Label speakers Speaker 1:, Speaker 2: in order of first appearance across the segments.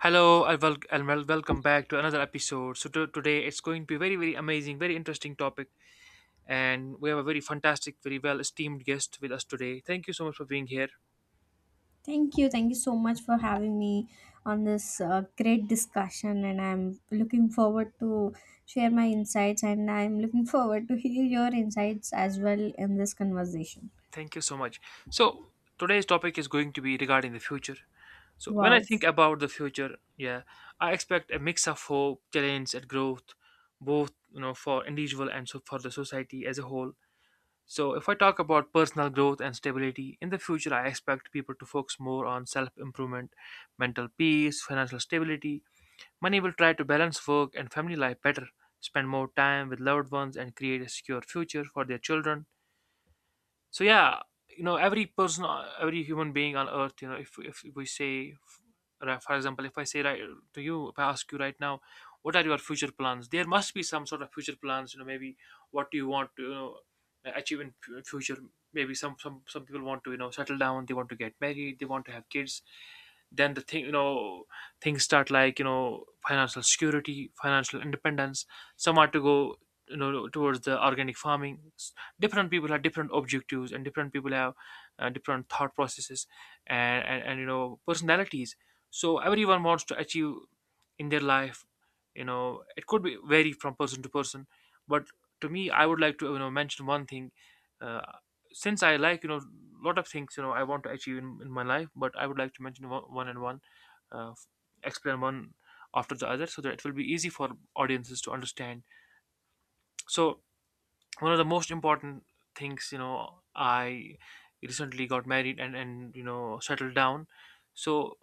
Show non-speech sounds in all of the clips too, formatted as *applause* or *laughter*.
Speaker 1: Hello and wel- Welcome back to another episode. Today it's going to be very amazing, very interesting topic, and we have a very fantastic, very well esteemed guest with us today. Thank you so much for being here.
Speaker 2: Thank you. Thank you so much for having me on this great discussion, and I'm looking forward to share my insights, and I'm looking forward to hear your insights as well in this conversation.
Speaker 1: Thank you so much. So today's topic is going to be regarding the future. So when I
Speaker 2: Wow.
Speaker 1: think about the future, yeah, I expect a mix of hope, challenge, and growth, both you know for individual and so for the society as a whole. So, if I talk about personal growth and stability, in the future, I expect people to focus more on self improvement, mental peace, financial stability. Many will try to balance work and family life better, spend more time with loved ones, and create a secure future for their children so yeah. You know every person, every human being on earth, you know, if we say right, for example if I say right to you, if I ask you right now, what are your future plans, there must be some sort of future plans. You know, maybe what do you want to, you know, achieve in future? Maybe some people want to, you know, settle down, they want to get married, they want to have kids. Then the thing, you know, things start like, you know, financial security, financial independence. Some are to go, you know, towards the organic farming different people have different objectives and different people have different thought processes and you know personalities. So everyone wants to achieve in their life, you know, it could be vary from person to person. But to me I would like to, you know, mention one thing. uh, since I like, you know, lot of things, you know, I want to achieve in my life, but I would like to mention one, one and one, f- explain one after the other, so that it will be easy for audiences to understand. So one of the most important things, you know, I recently got married and you know settled down. So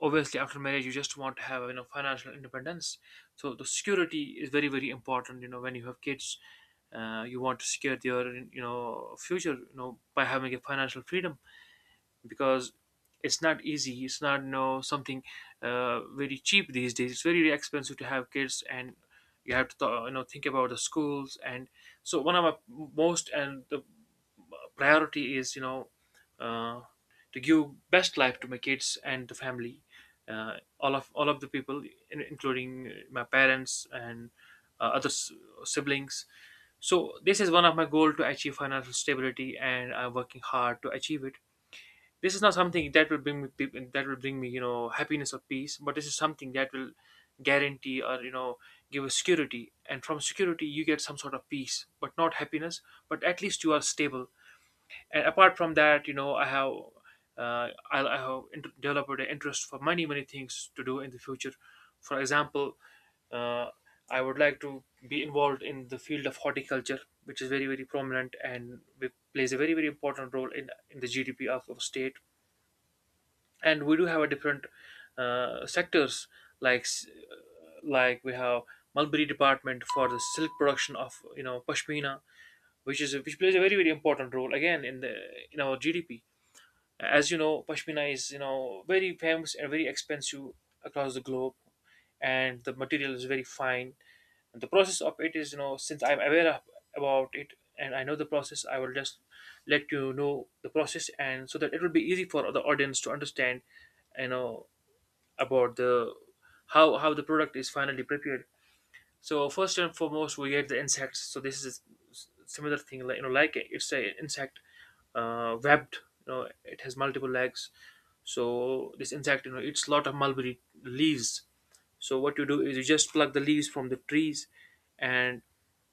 Speaker 1: obviously after marriage you just want to have, you know, financial independence. So the security is very important. You know when you have kids. You want to secure your, you know, future, you know, by having a financial freedom, because it's not easy, it's not no something very cheap these days, it's very expensive to have kids, and you have to you know think about the schools. And so one of my most and the priority is, you know, uh, to give best life to my kids and the family, all of the people in, including my parents and uh, other s- siblings. So this is one of my goal, to achieve financial stability, and I'm working hard to achieve it. This is not something that will bring me that will bring me, you know, happiness or peace, but this is something that will guarantee, or you know, give a security, and from security you get some sort of peace, but not happiness, but at least you are stable. And apart from that, you know I have. I have developed an interest for many things to do in the future. For example, uh, I would like to be involved in the field of horticulture, which is very, very prominent and plays a very, very important role in the GDP of our state. And we do have a different sectors, like s- like we have mulberry department for the silk production of, you know, pashmina, which is which plays a very very important role again in the in our GDP. As you know pashmina is, you know, very famous and very expensive across the globe, and the material is very fine, and the process of it is, you know, since I'm aware of, about it, and I know the process, I will just let you know the process, and so that it will be easy for the audience to understand, you know, about the how the product is finally prepared. So first and foremost, we get the insects. So this is similar thing, like you know, like it's an insect webbed. You know, it has multiple legs. So this insect, you know, eats a lot of mulberry leaves. So what you do is you just pluck the leaves from the trees, and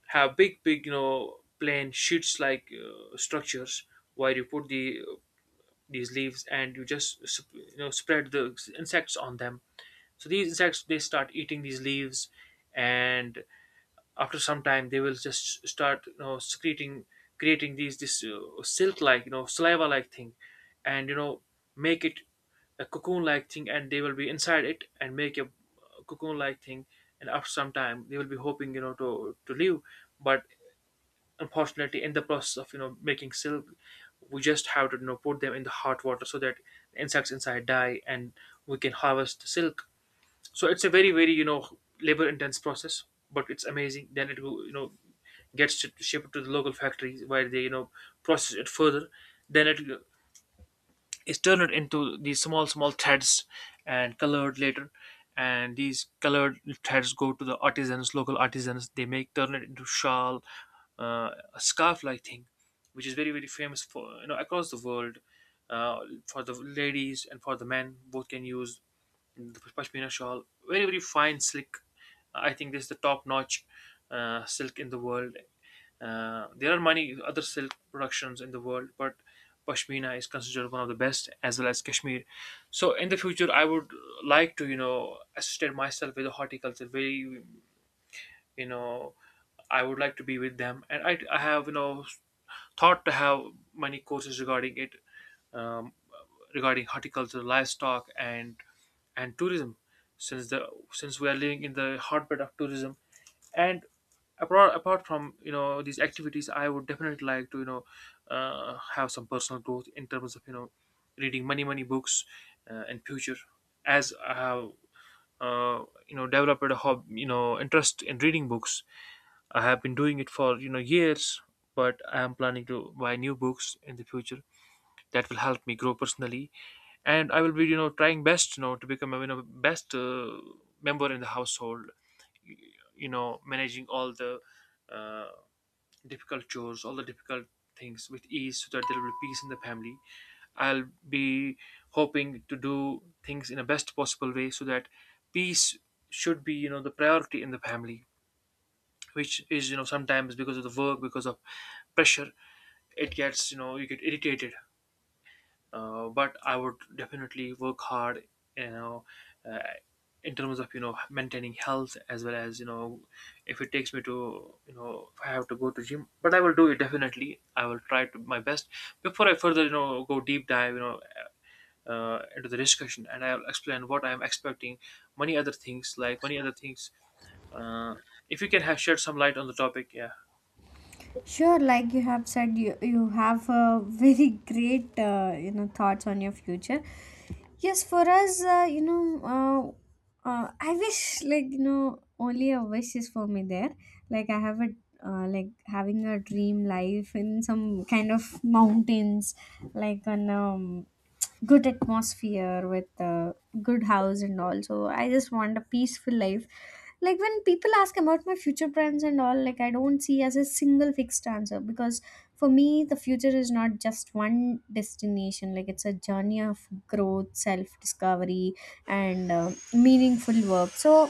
Speaker 1: have big, you know, plain sheets like structures where you put the these leaves, and you just, you know, spread the insects on them. So these insects they start eating these leaves, and after some time they will just start, you know, secreting, creating these this silk like, you know, saliva like thing, and you know make it a cocoon like thing, and they will be inside it and make a cocoon like thing. And after some time they will be hoping, you know, to leave, but unfortunately in the process of, you know, making silk, we just have to, you know, put them in the hot water so that insects inside die and we can harvest the silk. So it's a very very, you know, labor intense process, but it's amazing. Then it will, you know, shipped to the local factories where they, you know, process it further. Then it is turned into these small threads and colored later, and these colored threads go to the artisans, local artisans, they make turn it into shawl, a scarf like thing, which is very very famous for, you know, across the world, uh, for the ladies and for the men, both can use the pashmina shawl, very very fine silk. I think this is the top notch silk in the world. There are many other silk productions in the world, but pashmina is considered one of the best, as well as Kashmir. So in the future, I would like to, you know, associate myself with the horticulture. Very, you know, I would like to be with them, and I have, you know, thought to have many courses regarding it, um, regarding horticulture, livestock, and tourism, since the since we are living in the hotbed of tourism. And apart from, you know, these activities, I would definitely like to, you know, have some personal growth in terms of, you know, reading many books in future. As I have you know developed a hob you know interest in reading books. I have been doing it for, you know, years, but I am planning to buy new books in the future that will help me grow personally. And I will be, you know, trying best, you know, to become a, you know, best member in the household, you, you know, managing all the uh, difficult chores, all the difficult things with ease, so that there will be peace in the family. I'll be hoping to do things in the best possible way, so that peace should be, you know, the priority in the family, which is, you know, sometimes because of the work, because of pressure, it gets, you know, you get irritated. But I would definitely work hard, you know, uh, in terms of, you know, maintaining health, as well as, you know, if it takes me to, you know, if I have to go to gym, but I will do it definitely. I will try to my best. Before I further, you know, go deep dive, you know, into the discussion, and I'll explain what I am expecting, many other things like many other things. Uh, if you can have shed some light on the topic, yeah,
Speaker 2: Sure, like you have said, you have very great thoughts on your future. Yes, for us, I wish, like you know, only a wish is for me there. Like I have a like having a dream life in some kind of mountains, like on good atmosphere with a good house and all, so I just want a peaceful life. Like when people ask about my future plans and all, like I don't see as a single fixed answer, because for me the future is not just one destination. Like it's a journey of growth, self discovery, and meaningful work. So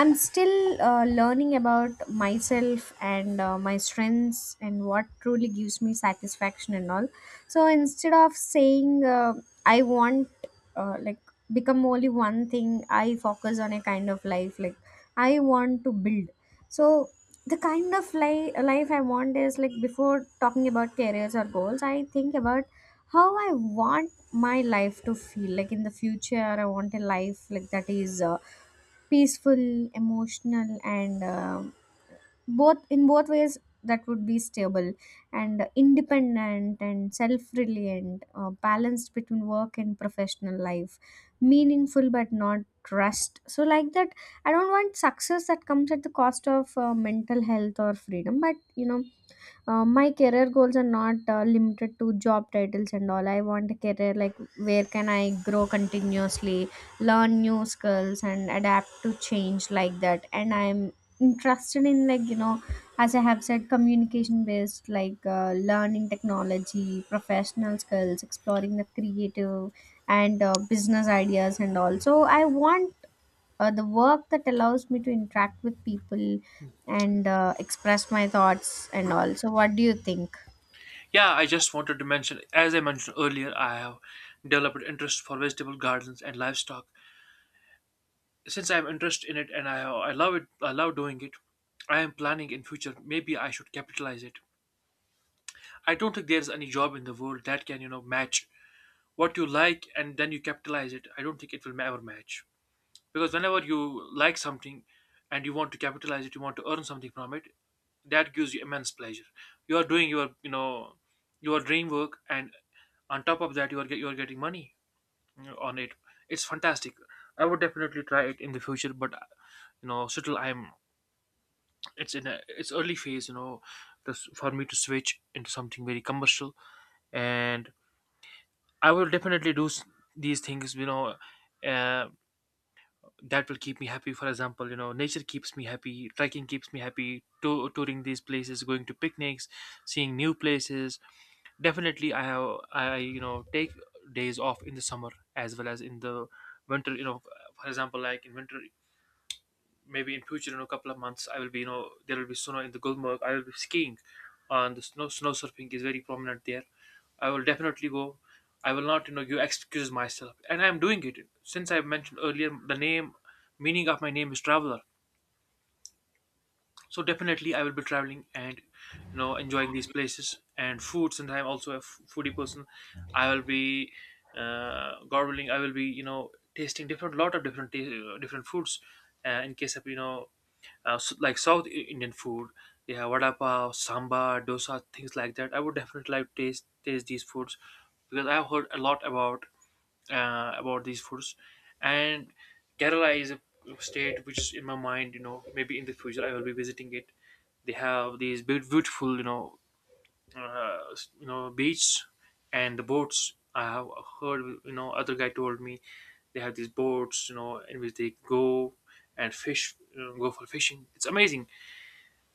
Speaker 2: I'm still learning about myself and my strengths and what truly gives me satisfaction and all. So instead of saying I want like become only one thing, I focus on a kind of life, like I want to build. So the kind of life I want is like, before talking about careers or goals, I think about how I want my life to feel like in the future. I want a life like that is peaceful, emotional, and both in both ways, that would be stable and independent and self-reliant, balanced between work and professional life, meaningful but not rushed. So like that, I don't want success that comes at the cost of mental health or freedom. But you know, my career goals are not limited to job titles and all. I want a career like where can I grow continuously, learn new skills, and adapt to change like that. And I'm interested in, like you know, as I have said, communication based, like learning technology, professional skills, exploring the creative and business ideas and all. So I want the work that allows me to interact with people and express my thoughts and all. So, what do you think?
Speaker 1: yeah. I just wanted to mention, as I mentioned earlier, I have developed interest for vegetable gardens and livestock, since I'm interested in it and I love it, I love doing it. I am planning in future maybe I should capitalize it. I don't think there's any job in the world that can, you know, match what you like and then you capitalize it. I don't think it will ever match, because whenever you like something and you want to capitalize it, you want to earn something from it, that gives you immense pleasure. You are doing your, you know, your dream work, and on top of that you are you are getting money, you know, on it. It's fantastic. I would definitely try it in the future, but still I'm it's in it's early phase, this, for me to switch into something very commercial. And I will definitely do these things, uh, that will keep me happy. For example, nature keeps me happy, trekking keeps me happy, touring these places, going to picnics, seeing new places. Definitely I take days off in the summer as well as in the winter, for example like in winter, maybe in future, in a couple of months, I will be, there will be snow in the Gulmarg. I will be skiing, and the snow surfing is very prominent there. I will definitely go. I will not, you know, you excuse myself, and I am doing it since I mentioned earlier. The name, meaning of my name is traveler. So definitely I will be traveling and enjoying these places and food. Since I'm also a foodie person, I will be gobbling. I will be, tasting different lot of different ta- different foods in case of, like south Indian food. They have vada pav, samba, dosa, things like that. I would definitely like to taste these foods because I've heard a lot about, about these foods. And Kerala is a state which in my mind, maybe in the future I will be visiting it. They have these beautiful, beach, and the boats. I have heard, other guy told me, they have these boats, in which they go and fish, go for fishing. It's amazing.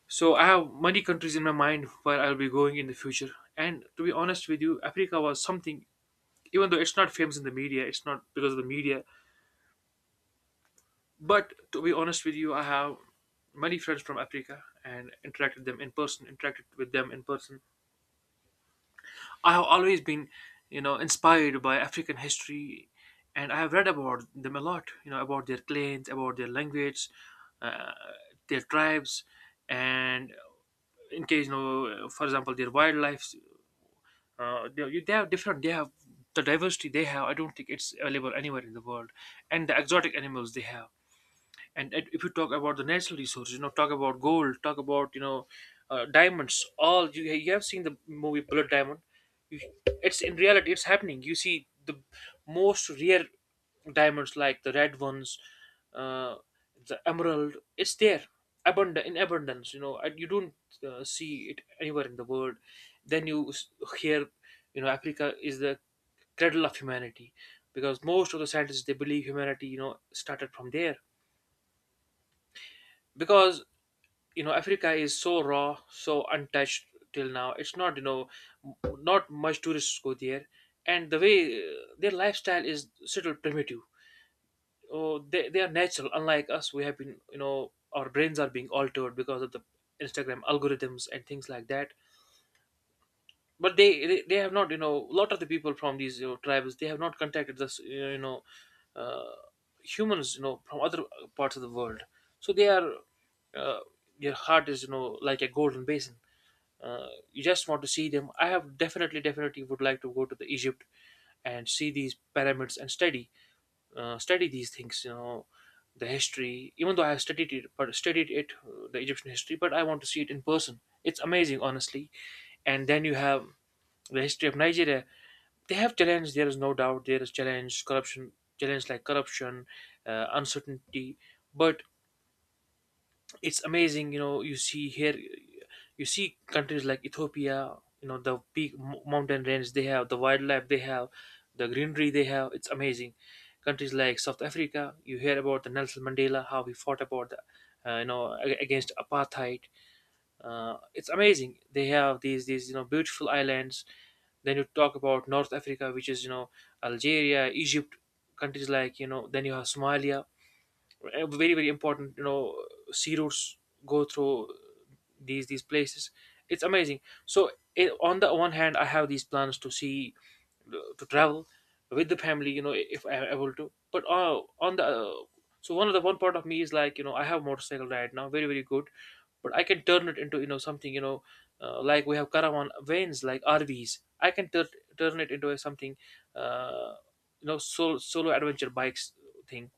Speaker 1: So I have many countries in my mind where I'll be going in the future. And to be honest with you, Africa was something. Even though it's not famous in the media, it's not because of the media. But to be honest with you, I have many friends from Africa and interacted them in person, interacted with them in person. I have always been, inspired by African history, and I have read about them a lot. You know, about their clans, about their language, uh, their tribes, and in case, for example, their wildlife. They have different. They have the diversity they have. I don't think it's available anywhere in the world, and the exotic animals they have. And if you talk about the natural resources, talk about gold, talk about, diamonds. All you, you have seen the movie Bullet Diamond. You, it's in reality, it's happening. You see the most rare diamonds like the red ones, uh, the emerald. It's there, abundant, in abundance, and you don't see it anywhere in the world. Then you hear, Africa is the cradle of humanity, because most of the scientists they believe humanity, started from there. Because, Africa is so raw, so untouched. Till now it's not, not much tourists go there. And the way, their lifestyle is still primitive. Oh, they are natural. Unlike us, we have been, our brains are being altered because of the Instagram algorithms and things like that. But they they have not, a lot of the people from these, tribes, they have not contacted this, uh, humans, from other parts of the world. So they are, uh, their heart is, like a golden basin. Uh, you just want to see them. I have definitely would like to go to the Egypt and see these pyramids and study, study these things, the history. Even though I have studied it, but studied it, the Egyptian history, but I want to see it in person. It's amazing, honestly. And then you have the history of Nigeria. They have challenged. There is no doubt. There is challenge, corruption, challenge like corruption, uncertainty. But it's amazing. You know, you see here, you see countries like Ethiopia. You know, the peak mountain range they have, the wildlife they have, the greenery they have. It's amazing. Countries like South Africa, you hear about the Nelson Mandela, how he fought about the, against apartheid. Uh, it's amazing, they have these you know beautiful islands. Then you talk about north Africa, which is, Algeria, Egypt, countries like, then you have Somalia. Very very important, sea routes go through these places. It's amazing. So it, on the one hand I have these plans to see, to travel with the family, if I'm able to. But on the so one of the one part of me is like, I have motorcycle right now, very very good. But I can turn it into, something, like we have caravan vans like rvs. I can turn it into a something, uh, solo adventure bikes thing.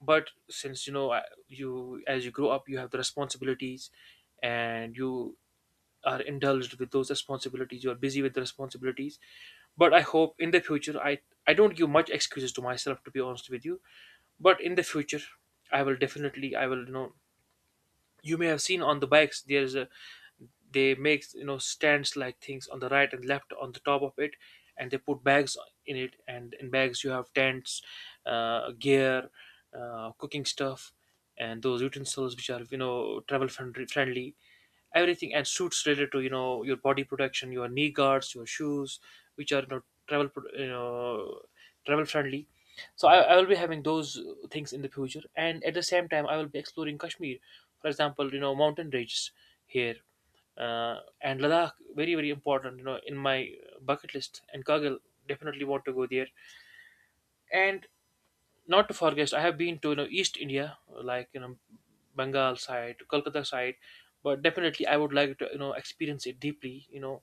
Speaker 1: But since, you, as you grow up, you have the responsibilities, and you are indulged with those responsibilities, you are busy with the responsibilities. But I hope in the future I don't give much excuses to myself, to be honest with you. But in the future I will definitely, I will, you may have seen on the bikes there's a, they make, stands like things on the right and left on the top of it, and they put bags in it, and in bags you have tents, gear, cooking stuff, and those utensils which are, travel friendly. Everything, and suits related to, your body protection, your knee guards, your shoes, which are, travel travel friendly. So I will be having those things in the future. And at the same time, I will be exploring Kashmir, for example, mountain ranges here, and Ladakh, very very important, in my bucket list, and Kargil. Definitely want to go there. And not to forget, I have been to, east India, like, Bengal side, Kolkata side. But definitely I would like to, experience it deeply,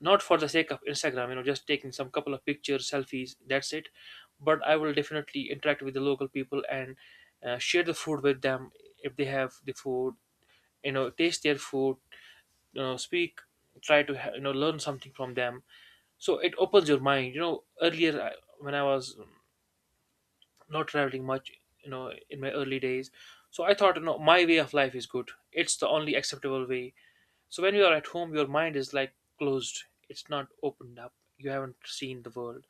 Speaker 1: not for the sake of Instagram, just taking some couple of pictures, selfies, that's it. But I will definitely interact with the local people and, share the food with them, if they have the food, taste their food, speak, try to learn something from them. So it opens your mind, earlier, when I was not traveling much, in my early days, so I thought, my way of life is good, it's the only acceptable way. So when you are at home, your mind is like closed, it's not opened up, you haven't seen the world.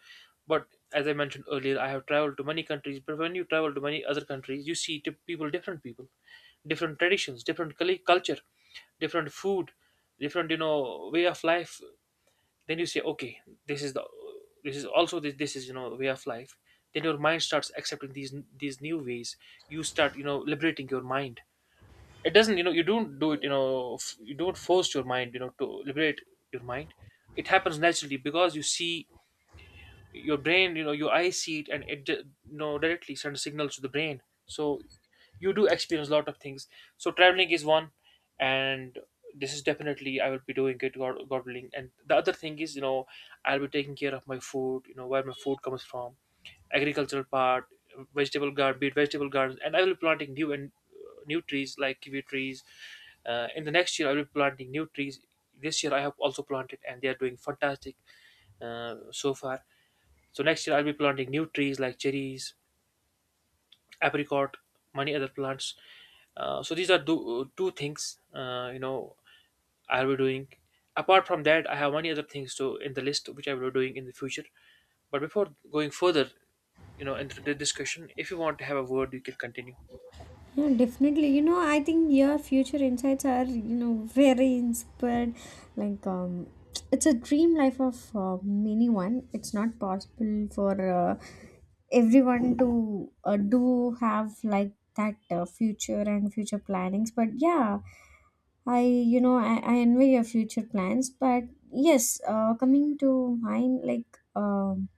Speaker 1: But as I mentioned earlier, I have traveled to many countries, but when you travel to many other countries, you see people, different people, different traditions, different culture, different food, different, way of life. Then you say, okay, this is the, this is also this, is, way of life. Then your mind starts accepting these new ways. You start, liberating your mind. It doesn't, you don't do it, you don't force your mind, to liberate your mind. It happens naturally, because you see your brain, your eyes see it, and it directly sends signals to the brain. So you do experience a lot of things. So traveling is one, and this is definitely I will be doing it, God willing. And the other thing is, I'll be taking care of my food, where my food comes from, agricultural part, vegetable garden, be it vegetable gardens. And I will be planting new and, new trees like kiwi trees. Uh, in the next year I will be planting new trees. This year I have also planted and they are doing fantastic, so far. So next year I'll be planting new trees like cherries, apricot, many other plants. So these are two things, I'll be doing. Apart from that, I have many other things to in the list which I will be doing in the future. But before going further, into the discussion, if you want to have a word, you can continue.
Speaker 2: Yeah, definitely. You know, I think your future insights are, you know, very inspired. Like, it's a dream life of anyone. It's not possible for everyone to do have like that future and future plannings. But yeah, I envy your future plans. But yes, coming to mine, like,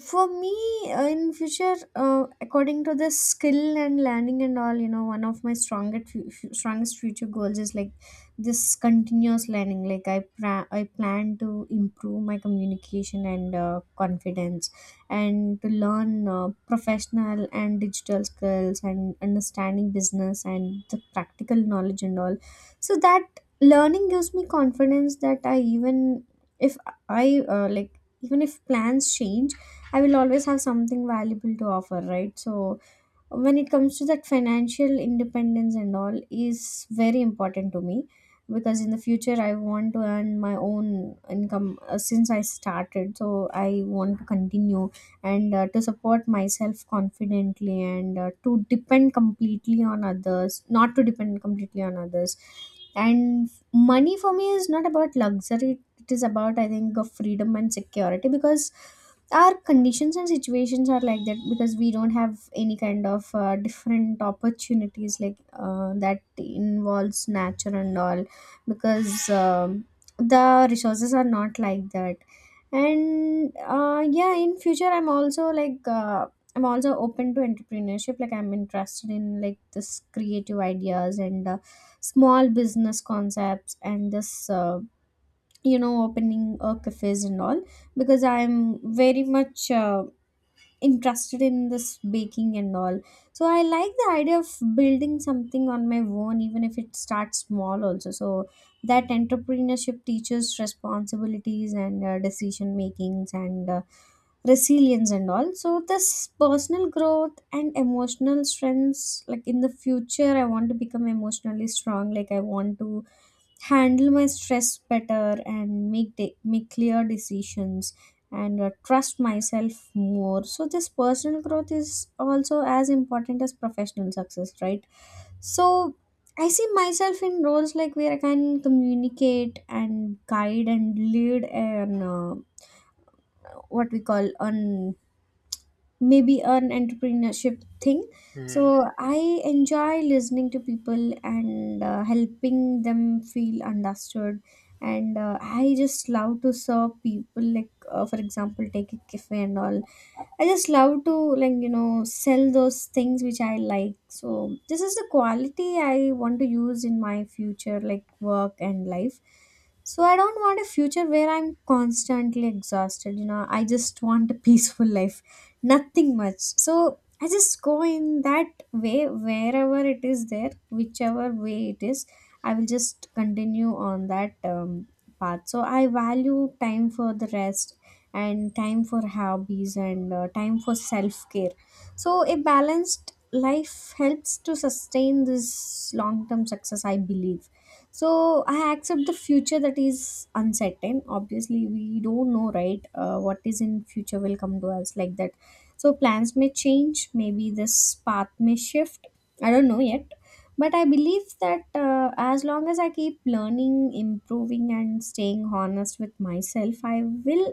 Speaker 2: for me in future according to the skill and learning and all, you know, one of my strongest strongest future goals is like this continuous learning. Like I I plan to improve my communication and confidence and to learn professional and digital skills and understanding business and the practical knowledge and all, so that learning gives me confidence that I, even if I like, even if plans change, I will always have something valuable to offer, right? So when it comes to that, financial independence and all is very important to me, because in the future I want to earn my own income, since I started. So I want to continue and to support myself confidently and to depend completely on others, not to depend completely on others. And money for me is not about luxury. It is about, I think, of freedom and security, because our conditions and situations are like that, because we don't have any kind of different opportunities like that involves nature and all, because the resources are not like that. And yeah, in future I'm also like, I'm also open to entrepreneurship. Like I'm interested in like this creative ideas and small business concepts and this you know, opening cafes and all, because I'm very much interested in this baking and all. So I like the idea of building something on my own, even if it starts small also. So that entrepreneurship teaches responsibilities and decision makings and resilience and all. So this personal growth and emotional strengths, like in the future I want to become emotionally strong. Like I want to handle my stress better and make clear decisions and trust myself more. So this personal growth is also as important as professional success, right? So I see myself in roles like where I can communicate and guide and lead and what we call on, maybe an entrepreneurship thing. So
Speaker 1: Hmm.
Speaker 2: I enjoy listening to people and helping them feel understood, and I just love to serve people, like for example, take a cafe and all. I just love to, like you know, sell those things which I like. So this is the quality I want to use in my future, like work and life. So I don't want a future where I'm constantly exhausted, you know. I just want a *laughs* peaceful life, nothing much. So I just go in that way wherever it is there, whichever way it is. I will just continue on that path. So I value time for the rest and time for hobbies and time for self care. So, a balanced life helps to sustain this long term success, I believe. So, I accept the future that is uncertain. Obviously, we don't know, right? What is in future will come to us like that. So, plans may change, maybe this path may shift. I don't know yet, but I believe that as long as I keep learning, improving, and staying honest with myself, I will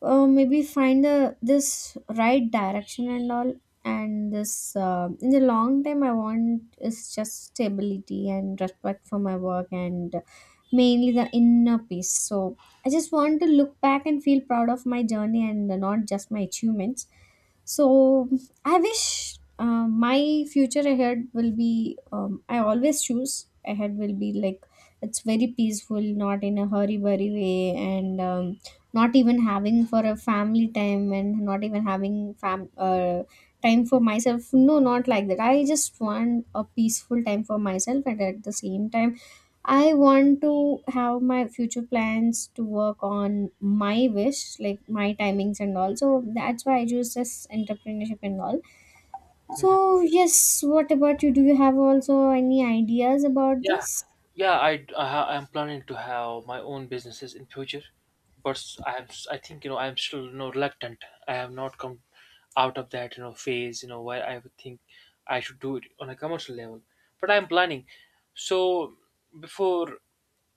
Speaker 2: maybe find the this right direction and all. And this in the long time I want is just stability and respect for my work, and mainly the inner peace. So I just want to look back and feel proud of my journey and not just my achievements. So I wish my future ahead will be, I always choose ahead will be like, it's very peaceful, not in a hurry, worry way, and not even having for a family time and not even having fam time for myself. No, not like that. I just want a peaceful time for myself, and at the same time I want to have my future plans to work on my wish, like my timings and all. So that's why I choose this entrepreneurship and all. So yes, what about you? Do you have also any ideas about
Speaker 1: Yeah,
Speaker 2: this?
Speaker 1: yeah. I'm planning to have my own businesses in future, but I am I think, I'm still, reluctant. I have not come out of that, phase, where I would think I should do it on a commercial level. But I'm planning. So before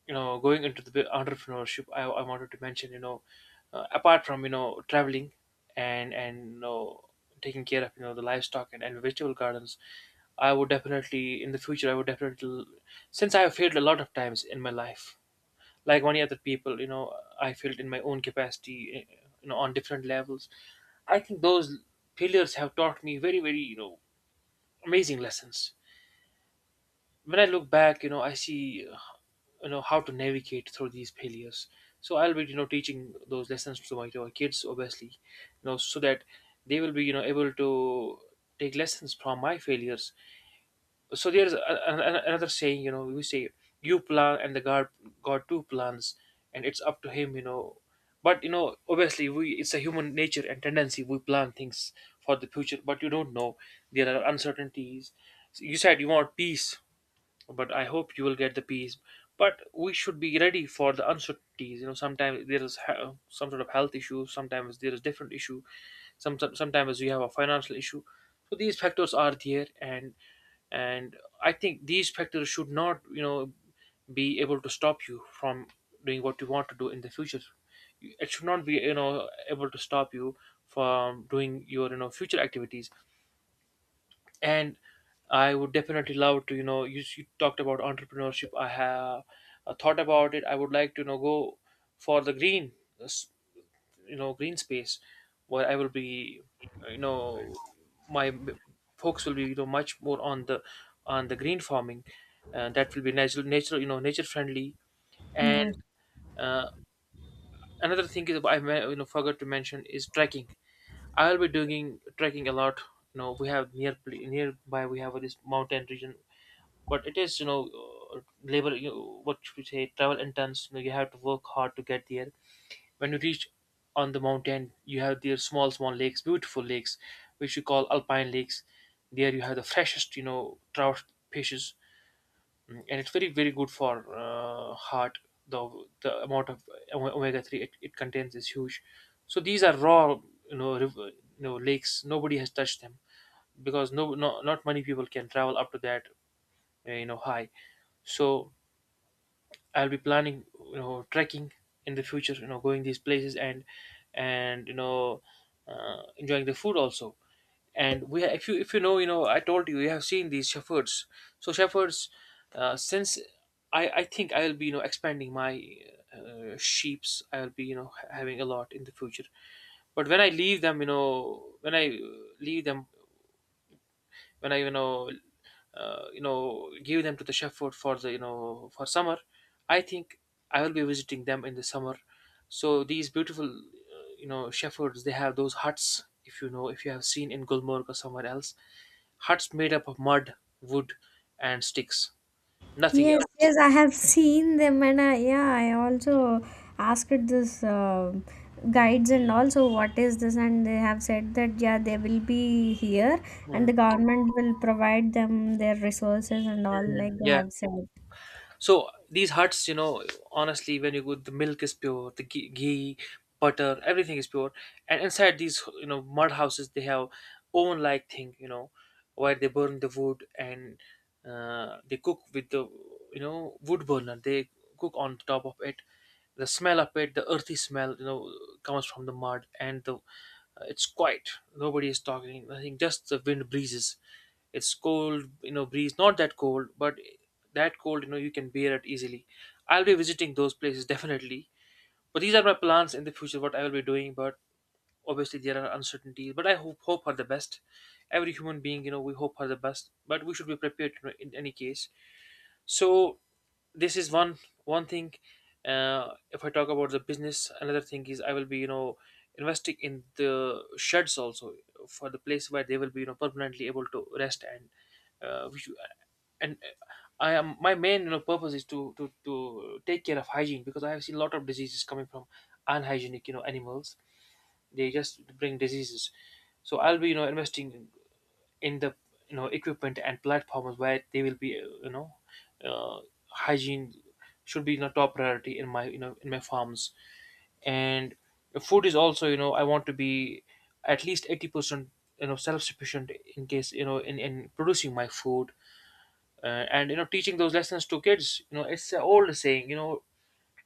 Speaker 1: you know going into the entrepreneurship, I wanted to mention apart from traveling and taking care of the livestock and vegetable gardens. I would definitely, since I have failed a lot of times in my life like many other people, I failed in my own capacity, eh, on different levels. I think those failures have taught me very amazing lessons. When I look back, I see, how to navigate through these failures. So I'll be, teaching those lessons to my kids, obviously, so that they will be, able to take lessons from my failures. So there's another saying, we say, you plan and God too plans, and it's up to him, But obviously, we it's a human nature and tendency. We plan things for the future, but you don't know, there are uncertainties. You said you want peace, but I hope you will get the peace. But we should be ready for the uncertainties. You know, sometimes there is some sort of health issue. Sometimes there is different issue. Sometimes you have a financial issue. So these factors are there, and I think these factors should not, be able to stop you from doing what you want to do in the future. It should not be, able to stop you from doing your future activities. And I would definitely love to, you talked about entrepreneurship. I have a thought about it. I would like to, go for the green, s- you know, green space where I will be, uh, you know, my m- focus will be, much more on the green farming, and that will be nature friendly. And
Speaker 2: Yeah.
Speaker 1: uh, another thing is I forgot to mention is trekking. I'll be doing trekking a lot. You know, we have nearby. We have this mountain region, but it is, labor, what should we say, travel intense. You know, you have to work hard to get there. When you reach on the mountain, you have their small small lakes, beautiful lakes, which you call alpine lakes. There you have the freshest, trout fishes. Mm, and it's very good for heart. The the amount of omega 3 it contains is huge. So these are raw, river, lakes. Nobody has touched them because no, not many people can travel up to that high. So I'll be planning, trekking in the future. You know, going these places and enjoying the food also. And if you I told you, you have seen these shepherds. So shepherds, since I think I'll be, expanding my sheep's. I'll be, having a lot in the future. But when I leave them, you know, when I leave them, when I, give them to the shepherd for the, for summer. I think I will be visiting them in the summer. So these beautiful, shepherds, they have those huts, if you have seen in Gulmarg or somewhere else. Huts made up of mud, wood, and sticks, nothing
Speaker 2: Yes,
Speaker 1: else.
Speaker 2: yes, I have seen them, and I, yeah, I also asked this guides and also what is this, and they have said that yeah, they will be here, and
Speaker 1: Mm.
Speaker 2: the government will provide them their resources and all, like they
Speaker 1: Yeah.
Speaker 2: have said.
Speaker 1: So these huts, honestly, when you go, the milk is pure, the ghee, butter, everything is pure. And inside these, mud houses, they have oven-like thing, where they burn the wood and they cook with the, wood burner. They cook on top of it. The smell of it, the earthy smell, comes from the mud and the, it's quiet. Nobody is talking, nothing, just the wind breezes. It's cold, breeze, not that cold, but that cold, you can bear it easily. I'll be visiting those places definitely. But these are my plans in the future, what I will be doing. But obviously there are uncertainties, but I hope for the best. Every human being, we hope for the best, but we should be prepared, in any case. So this is one thing. If I talk about the business, another thing is I will be, investing in the sheds also, for the place where they will be, permanently able to rest. And uh, which- and uh, I am, my main, purpose is to take care of hygiene, because I have seen a lot of diseases coming from unhygienic, animals. They just bring diseases. So I'll be, investing in the, equipment and platforms where they will be, uh, hygiene should be, top priority in my, in my farms. And food is also, I want to be at least 80%, self sufficient, in case, in producing my food. And, teaching those lessons to kids, it's an old saying, you know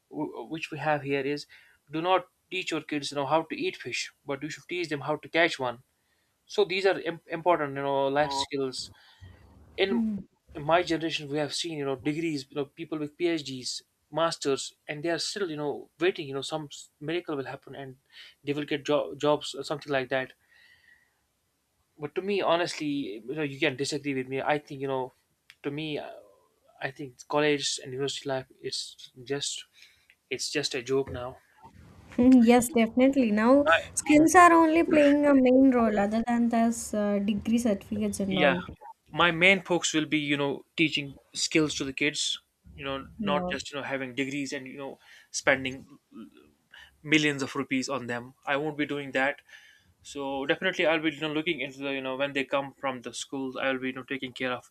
Speaker 1: w- which we have here is, do not teach your kids, how to eat fish, but you should teach them how to catch one. So these are important, life skills. In
Speaker 2: Mm. *laughs*
Speaker 1: my generation, we have seen, degrees, people with PhDs, masters, and they are still, waiting, some miracle will happen and they will get jobs or something like that. But to me, honestly, you can disagree with me. I think, to me, I think college and university life is just, it's just a joke now.
Speaker 2: Yes, definitely. Now,
Speaker 1: I, Hmm.
Speaker 2: skills are only playing a main role other than this degree certificates and
Speaker 1: Yeah,
Speaker 2: all.
Speaker 1: my main focus will be, teaching skills to the kids, not
Speaker 2: Yeah.
Speaker 1: just, having degrees and, spending millions of rupees on them. I won't be doing that. So definitely, I'll be, looking into the, when they come from the schools, I'll be, taking care of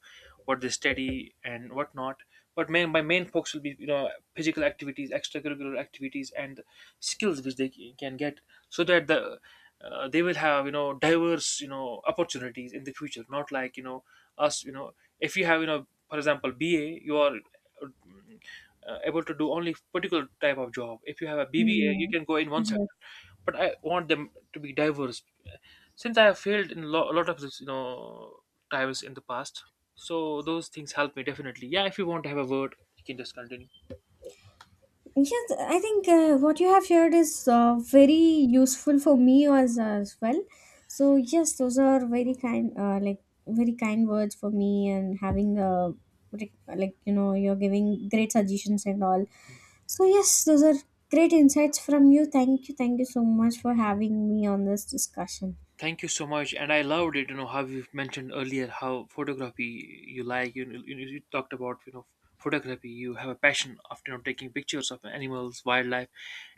Speaker 1: what they study and whatnot. But main my main focus will be, physical activities, extracurricular activities, and skills which they can get, so that the, they will have, diverse, opportunities in the future. Not like, us. If you have, for example BA, you are, able to do only particular type of job. If you have a BBA, you
Speaker 2: Mm.
Speaker 1: can go in one sector.
Speaker 2: Yes.
Speaker 1: But I want them to be diverse. Since I have failed in a lot of this, times in the past, so those things help me definitely. Yeah, if you want to have a word, you can just continue.
Speaker 2: Yes, I think what you have shared is very useful for me as well. So yes, those are very kind, like very kind words for me, and having a like you know, you're giving great suggestions and all. So yes, those are great insights from you. Thank you, thank you so much for having me on this discussion.
Speaker 1: Thank you so much, and I loved it. You know how you mentioned earlier how photography you like. You talked about, photography. You have a passion of, taking pictures of animals, wildlife.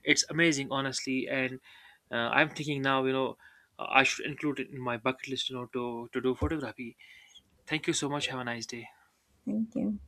Speaker 1: It's amazing, honestly. And I'm thinking now, I should include it in my bucket list. You know, to do photography. Thank you so much. Have a nice day.
Speaker 2: Thank you.